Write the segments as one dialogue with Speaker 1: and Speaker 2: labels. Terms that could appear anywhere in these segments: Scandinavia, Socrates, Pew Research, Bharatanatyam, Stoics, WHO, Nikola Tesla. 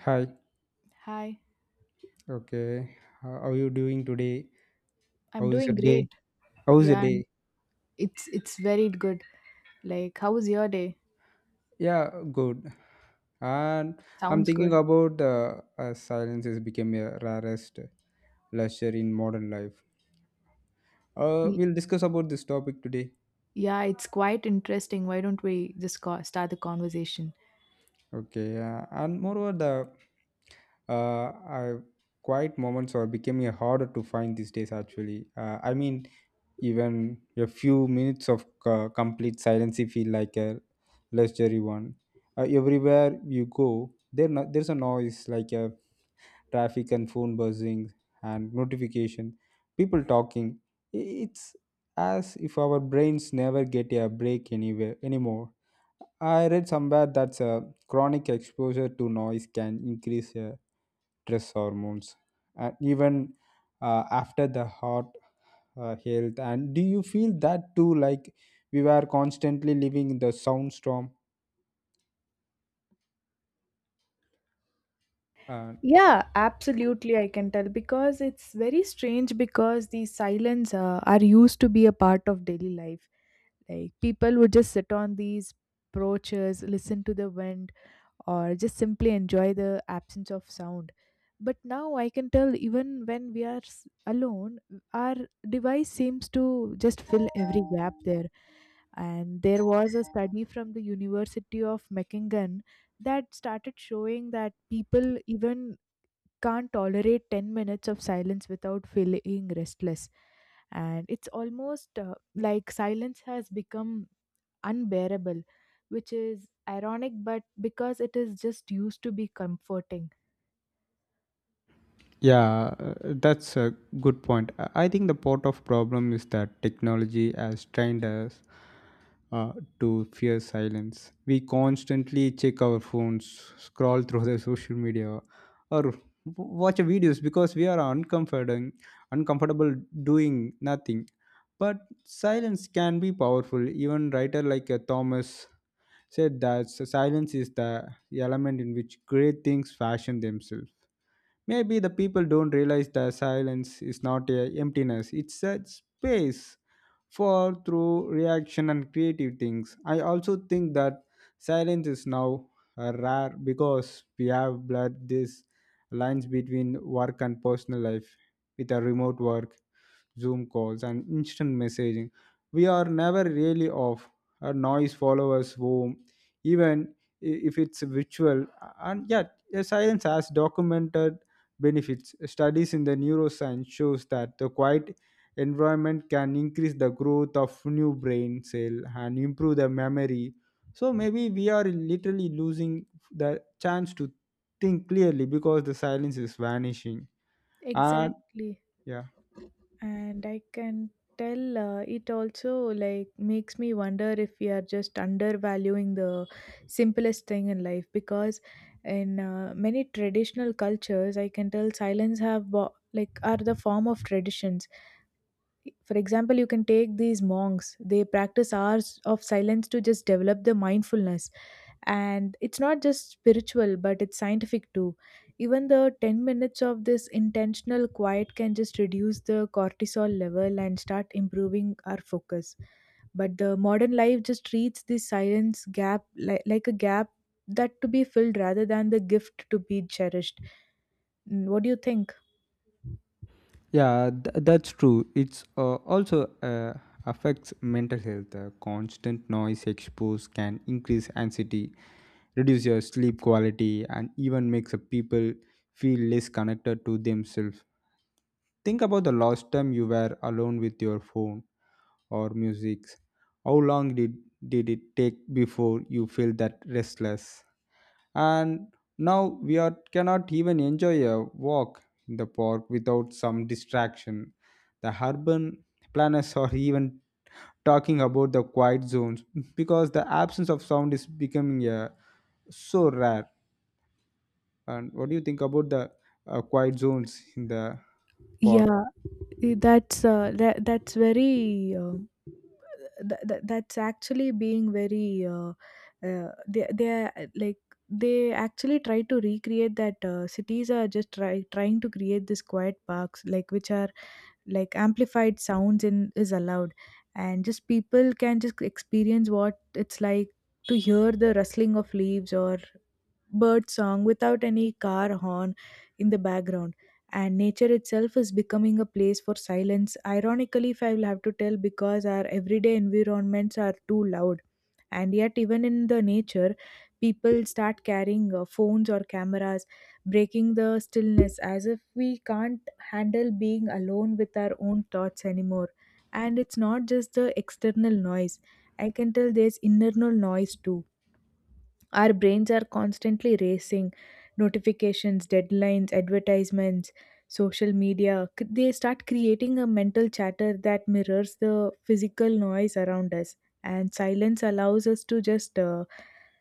Speaker 1: Hi.
Speaker 2: Hi,
Speaker 1: Okay. How are you doing today?
Speaker 2: I'm
Speaker 1: How's
Speaker 2: doing
Speaker 1: your
Speaker 2: great.
Speaker 1: day? How's your
Speaker 2: Yeah, and
Speaker 1: day?
Speaker 2: it's very good. Like, how was your day?
Speaker 1: Yeah, good. And I'm
Speaker 2: Sounds
Speaker 1: thinking
Speaker 2: good.
Speaker 1: about silence has become a rarest leisure in modern life.
Speaker 2: Y-
Speaker 1: We'll discuss about this topic today.
Speaker 2: Yeah, it's quite interesting. Why don't we just start the conversation?
Speaker 1: Okay. And moreover, I, quiet moments are becoming harder to find these days. Actually, I mean even a few minutes of complete silence feel like a luxury one. Uh, everywhere you go there no, there's a noise like a traffic and phone buzzing and notification, people talking. It's as if our brains never get a break anywhere anymore. I read somewhere that chronic exposure to noise can increase stress hormones and even after the heart health. And do you feel that too, like we were constantly living in the soundstorm? uh,
Speaker 2: Yeah, absolutely. I can tell because it's very strange because these silence are used to be a part of daily life. Like people would just sit on these porches, listen to the wind, or just simply enjoy the absence of sound. But now I can tell even when we are alone, our device seems to just fill every gap there. And there was a study from the University of Mechingen that started showing that people even can't tolerate 10 minutes of silence without feeling restless. And it's almost like silence has become unbearable, which is ironic, but because it is just used to be comforting.
Speaker 1: Yeah, uh, that's a good point. I think the part of problem is that technology has trained us uh, to fear silence. We constantly check our phones, scroll through the social media, or watch videos because we are uncomfortable, uncomfortable doing nothing. But silence can be powerful. Even writer like Thomas said that silence is the element in which great things fashion themselves. Maybe the people don't realize the silence is not a emptiness, it's a space for through reaction and creative things. I also think that silence is now rare because we have blurred these lines between work and personal life with a remote work, Zoom calls, and instant messaging. We are never really off. Our noise follows us home, even if it's virtual. And yet, a silence has documented benefits. Studies in the neuroscience shows that the quiet environment can increase the growth of new brain cell and improve the memory. So maybe we are literally losing the chance to think clearly because the silence is vanishing. And
Speaker 2: Exactly.
Speaker 1: yeah.
Speaker 2: And I can tell it also like makes me wonder if we are just undervaluing the simplest thing in life because in many traditional cultures I can tell silence have like are the form of traditions. For example, you can take these monks, they practice hours of silence to just develop the mindfulness. And it's not just spiritual, but it's scientific too. Even the 10 minutes of this intentional quiet can just reduce the cortisol level and start improving our focus, but the modern life just treats this silence gap like a gap that to be filled rather than the gift to be cherished. What do you think?
Speaker 1: Yeah, that's true. It's also affects mental health. Constant noise exposure can increase anxiety, reduce your sleep quality, and even makes a people feel less connected to themselves. Think about the last time you were alone with your phone or music. How long did it take before you feel that restless? And now we are cannot even enjoy a walk in the park without some distraction. The urban planners are even talking about the quiet zones because the absence of sound is becoming so rare. And what do you think about the quiet zones in the park?
Speaker 2: Yeah. That's that's very that's actually being very they are like they actually try to recreate that cities are just trying to create this quiet parks like which are like amplified sounds in is allowed, and just people can just experience what it's like to hear the rustling of leaves or bird song without any car horn in the background. And nature itself is becoming a place for silence ironically if I will have to tell because our everyday environments are too loud. And yet even in the nature people start carrying phones or cameras breaking the stillness as if we can't handle being alone with our own thoughts anymore. And it's not just the external noise, I can tell there's internal noise too. Our brains are constantly racing, notifications, deadlines, advertisements, social media, they start creating a mental chatter that mirrors the physical noise around us. And silence allows us to just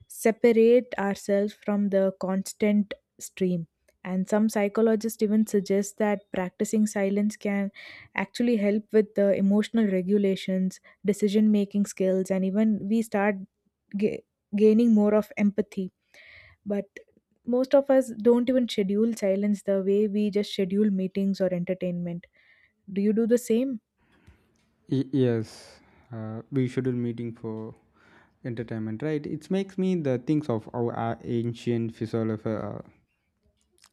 Speaker 2: separate ourselves from the constant stream. And some psychologists even suggest that practicing silence can actually help with the emotional regulations, decision making skills, and even we start ga- gaining more of empathy. But most of us don't even schedule silence the way we just schedule meetings or entertainment. Do you do the same?
Speaker 1: Yes, we schedule meeting for entertainment, right? It makes me the things of our ancient philosopher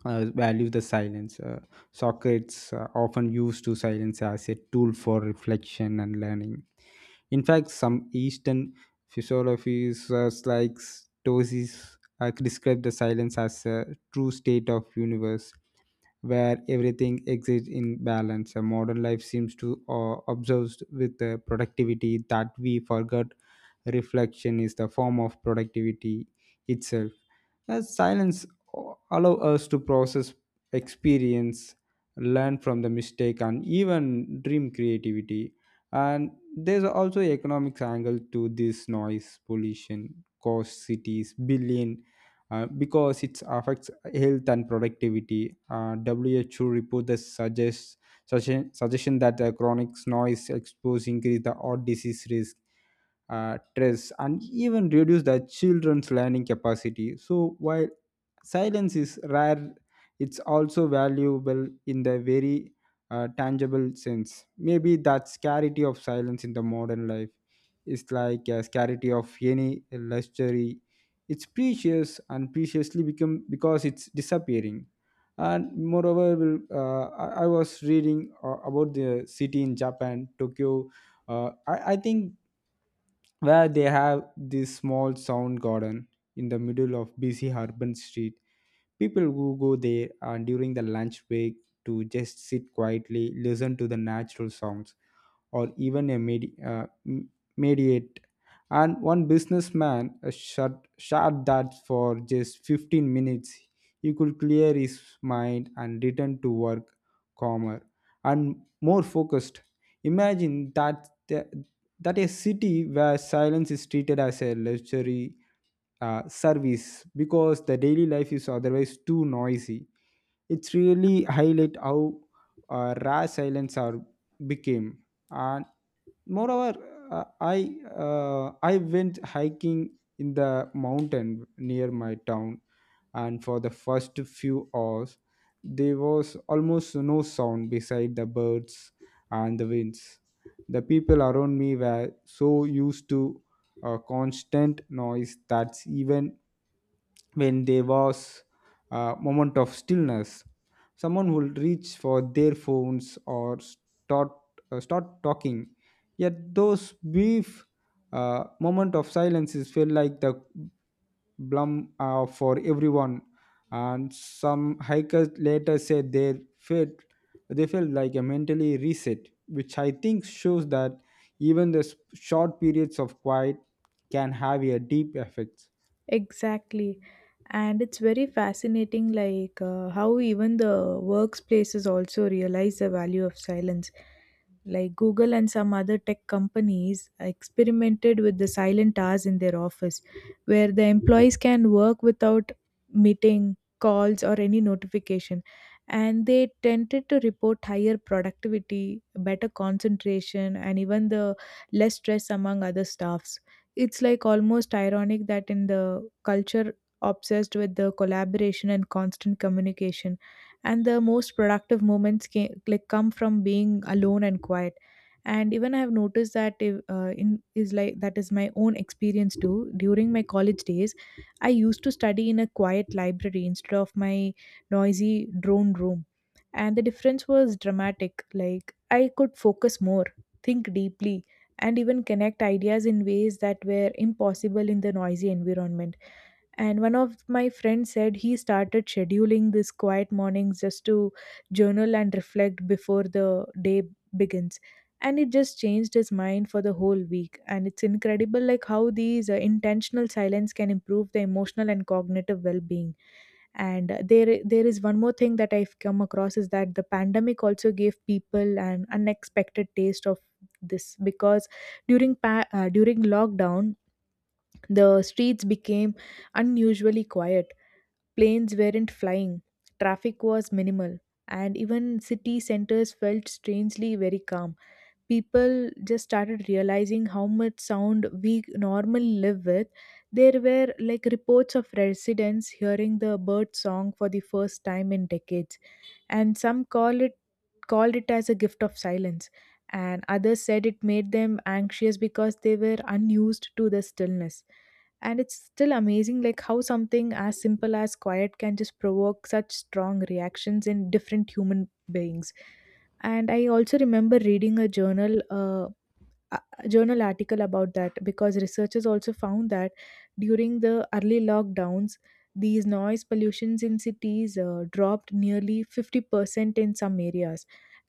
Speaker 1: value the silence. Socrates often used to silence as a tool for reflection and learning. In fact, some Eastern physiologists like Stoics describe the silence as a true state of universe where everything exists in balance. A modern life seems to obsessed with the productivity that we forgot reflection is the form of productivity itself. Silence allow us to process experience, learn from the mistake, and even dream creativity. And there's also economic angle to this noise pollution cost cities billion because it affects health and productivity. WHO report that suggestion that chronic noise exposure increase the heart disease risk, stress, and even reduce the children's learning capacity. So while silence is rare, it's also valuable in the very tangible sense. Maybe that scarcity of silence in the modern life is like a scarcity of any luxury. It's precious and preciously become because it's disappearing. And moreover, will I was reading about the city in Japan, Tokyo. I think where they have this small sound garden in the middle of busy urban street. People who go there during the lunch break to just sit quietly, listen to the natural sounds, or even a mediate. And one businessman shut that for just 15 minutes. He could clear his mind and return to work calmer and more focused. Imagine that a city where silence is treated as a luxury service because the daily life is otherwise too noisy. It's really highlight how raw silence are became. And moreover I went hiking in the mountain near my town, and for the first few hours there was almost no sound beside the birds and the winds. The people around me were so used to a constant noise that even when there was a moment of stillness, someone would reach for their phones or start talking. Yet those brief moment of silences felt like the blum for everyone. And some hikers later said they felt like a mentally reset, which I think shows that even the short periods of quiet can have a deep effect.
Speaker 2: Exactly. And it's very fascinating like how even the workplaces also realize the value of silence, like Google and some other tech companies experimented with the silent hours in their office where the employees can work without meeting calls or any notification, and they tended to report higher productivity, better concentration, and even the less stress among other staffs. It's like almost ironic that in the culture obsessed with the collaboration and constant communication. And the most productive moments can, like come from being alone and quiet. And even I have noticed that if, in is like that is my own experience too. During my college days, I used to study in a quiet library instead of my noisy drone room, and the difference was dramatic. Like I could focus more, think deeply, and even connect ideas in ways that were impossible in the noisy environment. And one of my friends said he started scheduling these quiet mornings just to journal and reflect before the day begins. And it just changed his mind for the whole week, and it's incredible like how these intentional silence can improve the emotional and cognitive well-being. And there is one more thing that I've come across is that the pandemic also gave people an unexpected taste of this because during during lockdown the streets became unusually quiet. Planes weren't flying, traffic was minimal, and even city centers felt strangely very calm. People just started realizing how much sound we normally live with. There were like reports of residents hearing the bird song for the first time in decades, and some call it called it as a gift of silence, and others said it made them anxious because they were unused to the stillness. And it's still amazing, like how something as simple as quiet can just provoke such strong reactions in different human beings. And I also remember reading a journal uh, journal article about that because researchers also found that during the early lockdowns these noise pollutions in cities dropped nearly 50% in some areas,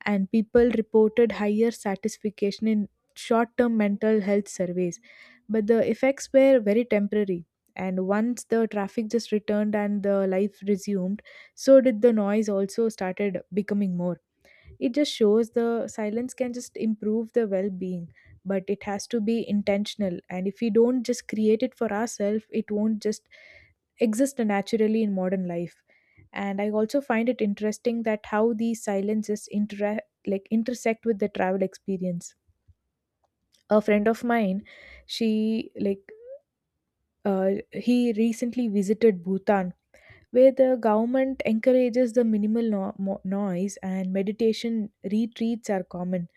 Speaker 2: and people reported higher satisfaction in short-term mental health surveys. But the effects were very temporary, and once the traffic just returned and the life resumed, so did the noise also started becoming more. It just shows the silence can just improve the well-being, but it has to be intentional, and if we don't just create it for ourselves it won't just exist naturally in modern life. And I also find it interesting that how these silences like intersect with the travel experience. A friend of mine, she like he recently visited Bhutan where the government encourages the minimal noise and meditation retreats are common.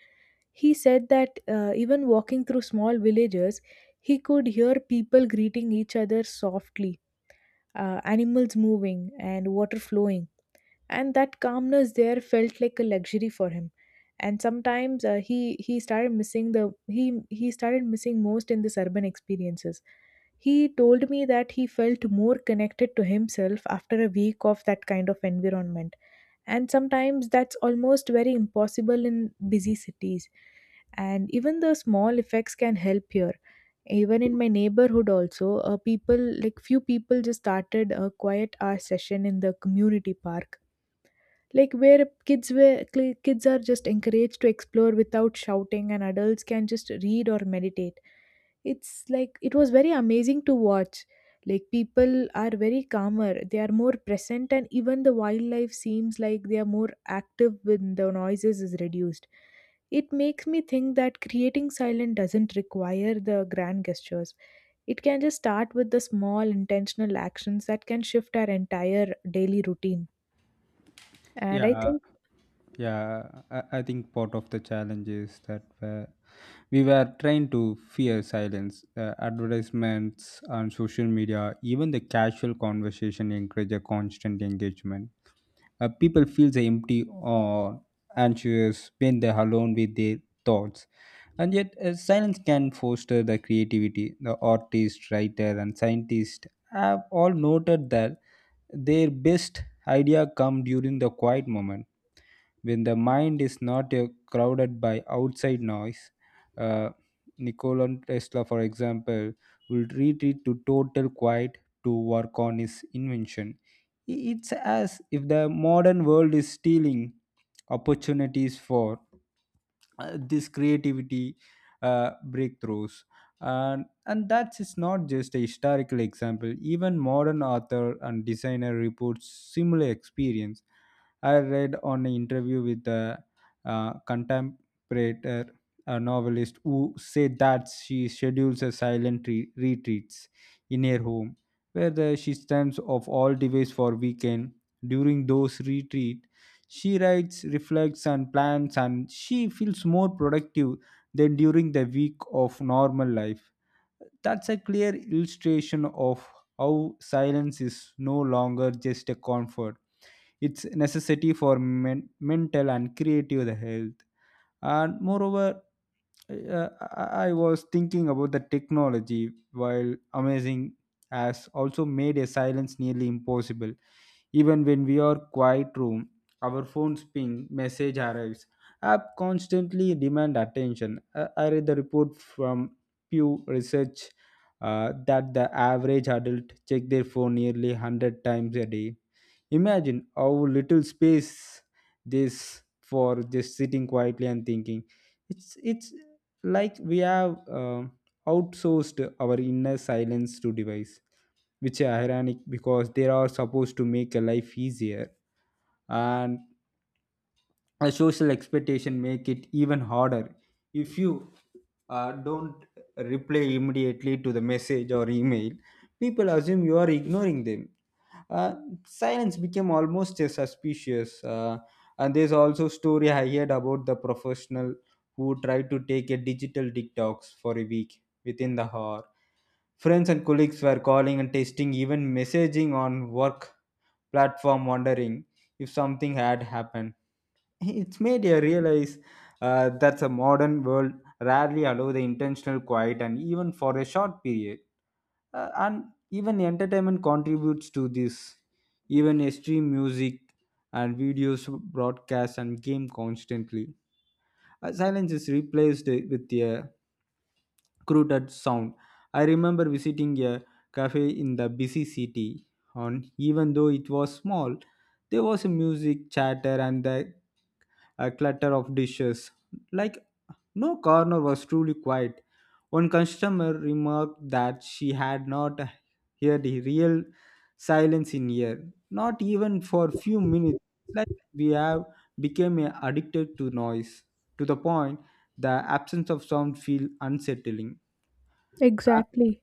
Speaker 2: He said that even walking through small villages, he could hear people greeting each other softly, animals moving, and water flowing. And that calmness there felt like a luxury for him. And sometimes he started missing the he started missing most in this urban experiences. He told me that he felt more connected to himself after a week of that kind of environment. And sometimes that's almost very impossible in busy cities. And even the small effects can help here. Even in my neighborhood, also, people like few people just started a quiet hour session in the community park, like where kids are just encouraged to explore without shouting, and adults can just read or meditate. It's like it was very amazing to watch. Like people are very calmer, they are more present, and even the wildlife seems like they are more active when the noises is reduced. It makes me think that creating silence doesn't require the grand gestures. It can just start with the small intentional actions that can shift our entire daily routine. And I
Speaker 1: Yeah,
Speaker 2: think.
Speaker 1: yeah, I think part of the challenge is that we were trained to fear silence. Advertisements on social media, even the casual conversation, encourage a constant engagement. People feel the empty or anxious when they're alone with their thoughts. And yet, silence can foster the creativity. The artist, writer, and scientist have all noted that their best idea come during the quiet moment when the mind is not crowded by outside noise. Uh, Nikola Tesla, for example, will retreat to total quiet to work on his invention. It's as if the modern world is stealing opportunities for this creativity breakthroughs. And that's it's not just a historical example, even modern author and designer reports similar experience. I read on an interview with a contemporary a novelist who said that she schedules a silent retreats in her home where she stands off all devices for weekend during those retreat. She writes, reflects, and plans, and she feels more productive than during the week of normal life. That's a clear illustration of how silence is no longer just a comfort. It's a necessity for mental and creative health. And moreover, I was thinking about the technology while amazing has also made a silence nearly impossible. Even when we are quiet room, our phones ping, message arrives. App constantly demand attention. I read the report from Pew Research that the average adult check their phone nearly 100 times a day. Imagine how little space this for just sitting quietly and thinking. It's like we have outsourced our inner silence to device, which are ironic because they are supposed to make a life easier. And a social expectation make it even harder. If you don't reply immediately to the message or email, people assume you are ignoring them. uh, Silence became almost suspicious. And there's also story I heard about the professional who tried to take a digital detox for a week. Within the hour, friends and colleagues were calling and texting, even messaging on work platform, wondering if something had happened. It's made you realize that the modern world rarely allow the intentional quiet and even for a short period. And even entertainment contributes to this. Even extreme music and videos broadcast and game constantly. Silence is replaced with a crude sound. I remember visiting a cafe in the busy city, and even though it was small, there was a music chatter and the clutter of dishes. Like, no corner was truly quiet. One customer remarked that she had not heard a real silence in years, not even for a few minutes. It's like we have become addicted to noise, to the point the absence of sound feels unsettling.
Speaker 2: Exactly.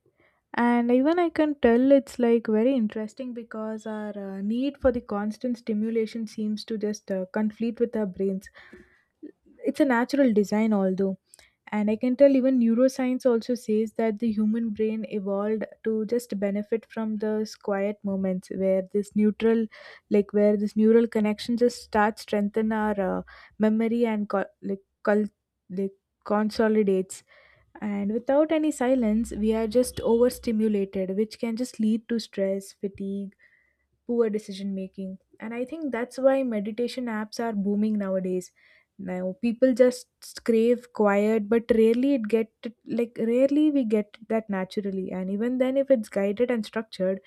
Speaker 2: And even I can tell it's like very interesting because our need for the constant stimulation seems to just conflict with our brains. It's a natural design, although. And I can tell even neuroscience also says that the human brain evolved to just benefit from those quiet moments where this neutral, like where this neural connection just starts strengthen our memory and like consolidates. And without any silence, we are just overstimulated, which can just lead to stress, fatigue, poor decision making. And I think that's why meditation apps are booming nowadays. Now people just crave quiet, but rarely it get like rarely we get that naturally. And even then, if it's guided and structured,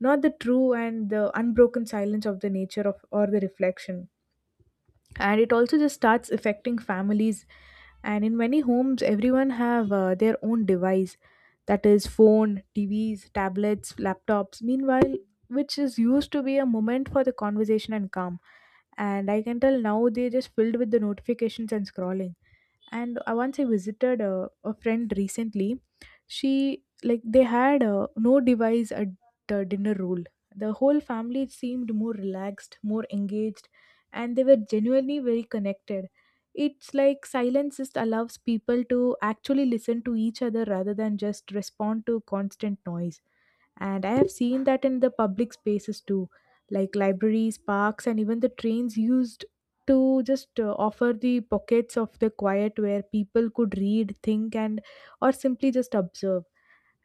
Speaker 2: not the true and the unbroken silence of the nature of or the reflection. And it also just starts affecting families, and in many homes everyone have their own device, that is phone, TVs, tablets, laptops, meanwhile which is used to be a moment for the conversation and calm. And I can tell now they're just filled with the notifications and scrolling. And once I visited a friend recently. She like they had no device at the dinner rule. The whole family seemed more relaxed, more engaged, and they were genuinely very connected. It's like silence just allows people to actually listen to each other rather than just respond to constant noise. And I have seen that in the public spaces too, like libraries, parks, and even the trains used to just offer the pockets of the quiet where people could read, think, and or simply just observe.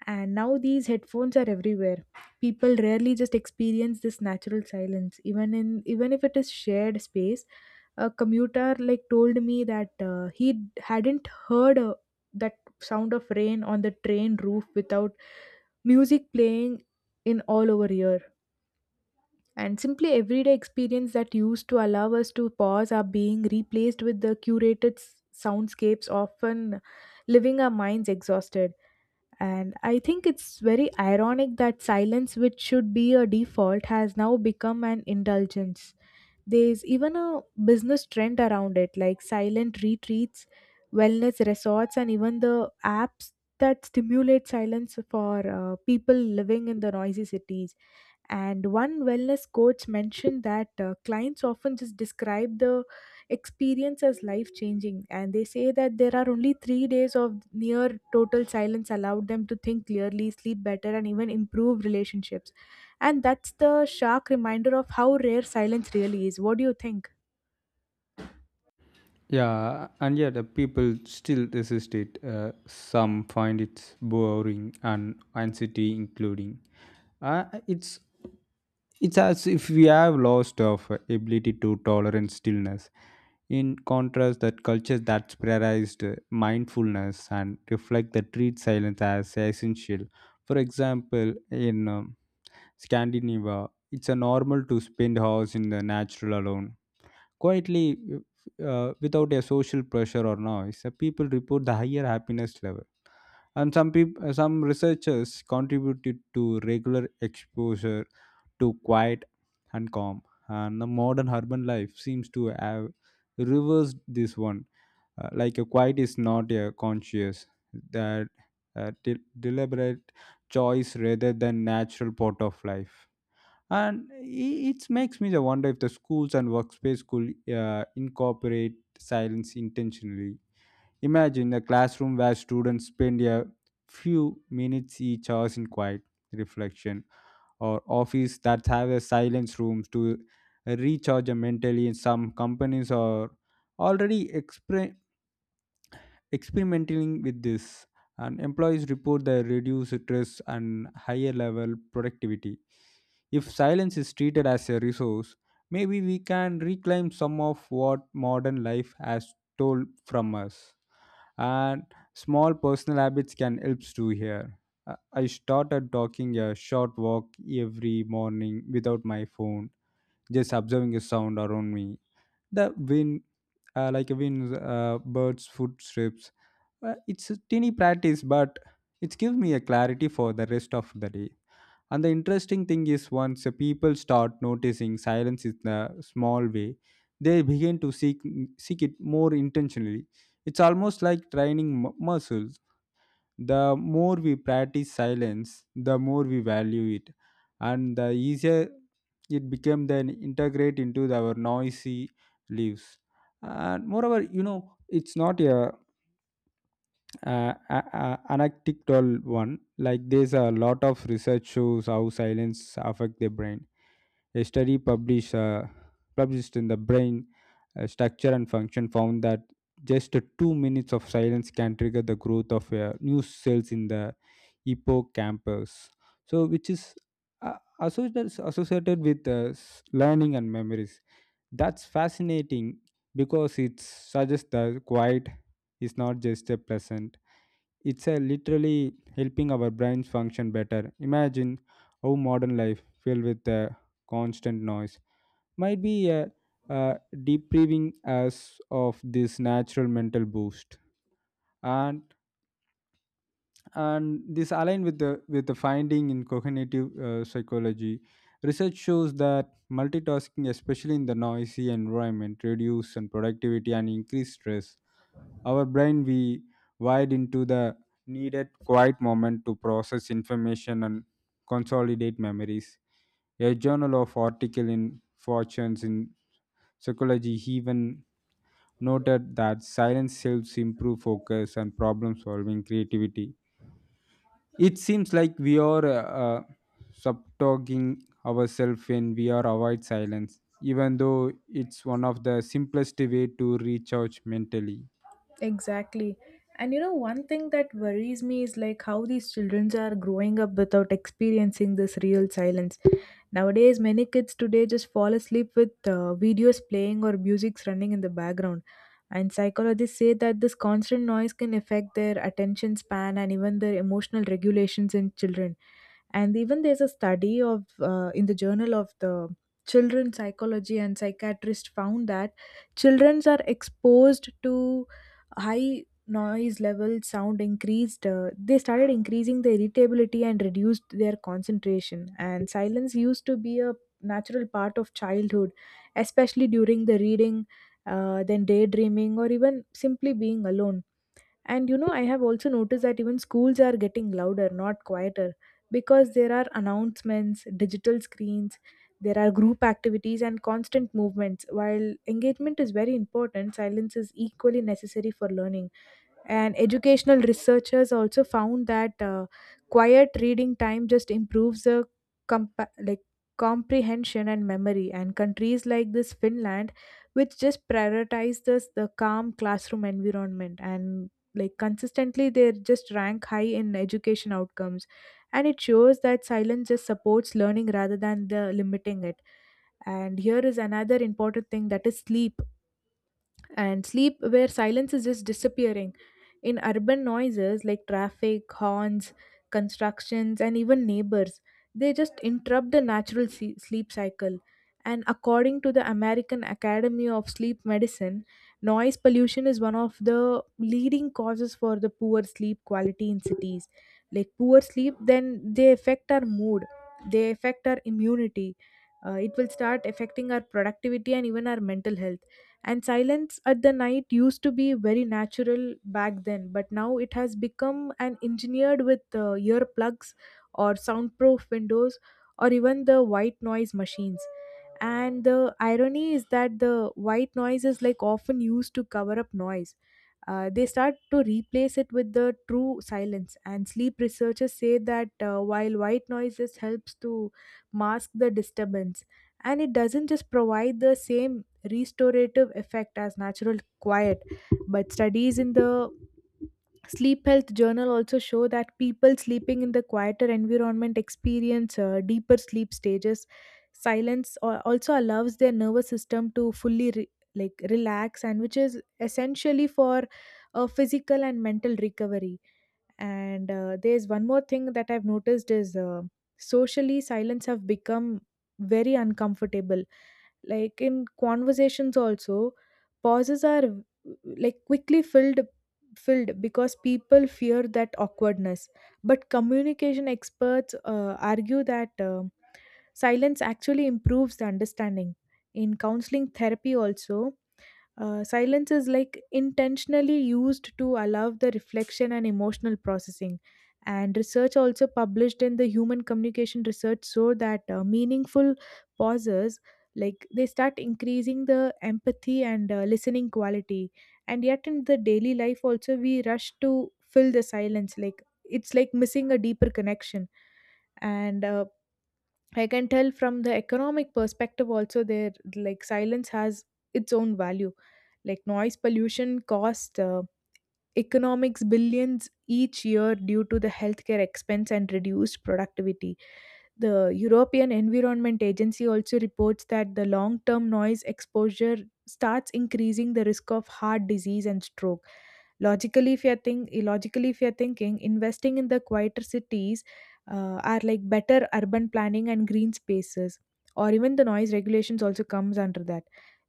Speaker 2: And now these headphones are everywhere. People rarely just experience this natural silence, even in even if it is shared space. A commuter like told me that he hadn't heard that sound of rain on the train roof without music playing in all over here. And simply everyday experience that used to allow us to pause are being replaced with the curated soundscapes, often leaving our minds exhausted. And I think it's very ironic that silence, which should be a default, has now become an indulgence. There's even a business trend around it, like silent retreats, wellness resorts, and even the apps that stimulate silence for people living in the noisy cities. And one wellness coach mentioned that clients often just describe the experience as life changing, and they say that there are only 3 days of near total silence allowed them to think clearly, sleep better, and even improve relationships. And that's the stark reminder of how rare silence really is. What do you think?
Speaker 1: Yeah, and yet the people still resist it. Some find it boring and anxiety, including. Uh, it's it's as if we have lost of ability to tolerate stillness. In contrast, that cultures that prioritized mindfulness and reflect that treat silence as essential. For example, in Scandinavia, it's a normal to spend hours in the natural alone quietly without a social pressure or noise. People report the higher happiness level, and some people some researchers contributed to regular exposure to quiet and calm. And the modern urban life seems to have reversed this one. Like a quiet is not a conscious that uh, de- deliberate choice rather than natural part of life. And it makes me the wonder if the schools and workspace could incorporate silence intentionally. Imagine a classroom where students spend a few minutes each hour in quiet reflection, or office that have a silence rooms to recharge mentally. In some companies are already experimenting with this, and employees report their reduced stress and higher level productivity. If silence is treated as a resource, maybe we can reclaim some of what modern life has told from us. And small personal habits can help too here. I started talking a short walk every morning without my phone, just observing a sound around me, the wind, like a wind birds, footsteps. Well, it's a teeny practice, but it gives me a clarity for the rest of the day. And the interesting thing is, once the people start noticing silence in a small way, they begin to seek it more intentionally. It's almost like training muscles. The more we practice silence, the more we value it, and the easier it became then integrate into our noisy lives. And moreover, you know, it's not a anecdotal one. Like, there's a lot of research shows how silence affect the brain. A study published in the brain structure and function found that just 2 minutes of silence can trigger the growth of new cells in the hippocampus, so which is associated with learning and memories. That's fascinating because it suggests that quiet is not just a pleasant, it's a literally helping our brains function better. Imagine how modern life filled with constant noise might be uh, depriving us of this natural mental boost. And and this aligned with the finding in cognitive psychology. Research shows that multitasking, especially in the noisy environment, reduce and productivity and increase stress. Our brain we wired into the needed quiet moment to process information and consolidate memories. A journal of article in fortunes in psychology even noted that silence helps improve focus and problem solving creativity. It seems like we are subtoging ourselves when we are avoid silence, even though it's one of the simplest way to recharge mentally.
Speaker 2: Exactly. And you know, one thing that worries me is like how these children are growing up without experiencing this real silence. Nowadays, many kids today just fall asleep with videos playing or music's running in the background. And psychologists say that this constant noise can affect their attention span and even their emotional regulations in children. And even there's a study of in the journal of the children psychology and psychiatrist found that children are exposed to high noise level sound increased, they started increasing the irritability and reduced their concentration. And silence used to be a natural part of childhood, especially during the reading, then daydreaming, or even simply being alone. And you know, I have also noticed that even schools are getting louder, not quieter, because there are announcements, digital screens, there are group activities, and constant movements. While engagement is very important, silence is equally necessary for learning. And educational researchers also found that quiet reading time just improves the like comprehension and memory. And countries like this Finland, which just prioritize this the calm classroom environment and like consistently, they just rank high in education outcomes. And it shows that silence just supports learning rather than the limiting it. And here is another important thing that is sleep. And sleep where silence is just disappearing. In urban noises like traffic, horns, constructions, and even neighbors, they just interrupt the natural sleep cycle. And according to the American Academy of Sleep Medicine, noise pollution is one of the leading causes for the poor sleep quality in cities. Like poor sleep, then they affect our mood, they affect our immunity. It will start affecting our productivity and even our mental health. And silence at the night used to be very natural back then, but now it has become an engineered with earplugs, or soundproof windows, or even the white noise machines. And the irony is that the white noise is like often used to cover up noise. Uh, they start to replace it with the true silence. And sleep researchers say that while white noises helps to mask the disturbance, and it doesn't just provide the same restorative effect as natural quiet. But studies in the sleep health journal also show that people sleeping in the quieter environment experience deeper sleep stages. Silence also allows their nervous system to fully like relax, and which is essentially for physical and mental recovery. And there's one more thing that I've noticed is, socially silence have become very uncomfortable. Like in conversations also, pauses are like quickly filled because people fear that awkwardness. But communication experts argue that silence actually improves the understanding. In counseling therapy also, silence is like intentionally used to allow the reflection and emotional processing. And research also published in the human communication research so that meaningful pauses, like they start increasing the empathy and listening quality. And yet in the daily life also, we rush to fill the silence, like it's like missing a deeper connection. And I can tell from the economic perspective also, there like silence has its own value. Like noise pollution cost, economics billions each year due to the healthcare expense and reduced productivity. The European Environment Agency also reports that the long term noise exposure starts increasing the risk of heart disease and stroke. Logically, if you're, logically, if you're thinking, investing in the quieter cities are like better urban planning and green spaces, or even the noise regulations also comes under that.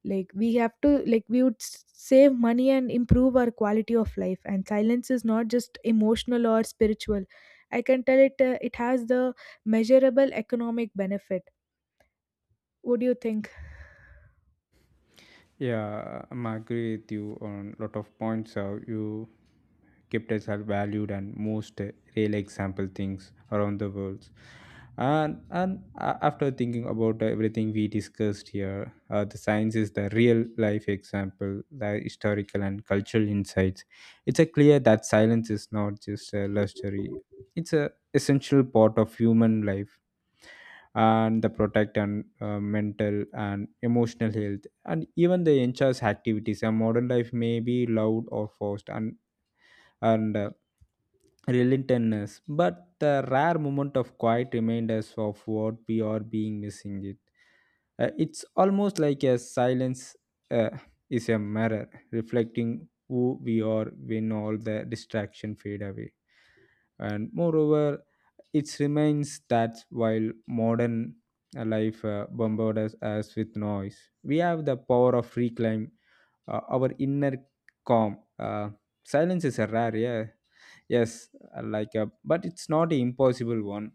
Speaker 2: Like we have to, like we would save money and improve our quality of life. And silence is not just emotional or spiritual. I can tell it. It has the measurable economic benefit. What do you think?
Speaker 1: Yeah, I'm agree with you on lot of points. How you kept us are valued and most real example things around the world. And after thinking about everything we discussed here, the science is the real life example, the historical and cultural insights. It's a clear that silence is not just a luxury; it's a essential part of human life and the protect and mental and emotional health and even the enchil's activities. A modern life may be loud or forced and relentlessness, but the rare moment of quiet reminds us of what we are being missing it. It's almost like a silence uh, is a mirror reflecting who we are when all the distraction fade away. And moreover, it remains that while modern a life bombards us with noise. We have the power of reclaim our inner calm. Silence is a rare, yeah, yes, like a, but it's not an impossible one.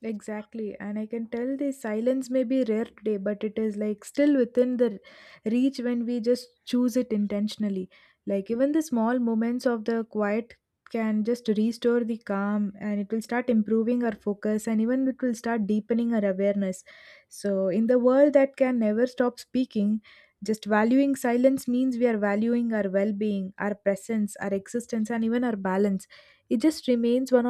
Speaker 2: Exactly, and I can tell the silence may be rare today, but it is like still within the reach when we just choose it intentionally. Like even the small moments of the quiet can just restore the calm, and it will start improving our focus, and even it will start deepening our awareness. So, in the world that can never stop speaking, just valuing silence means we are valuing our well being, our presence, our existence, and even our balance. It just remains one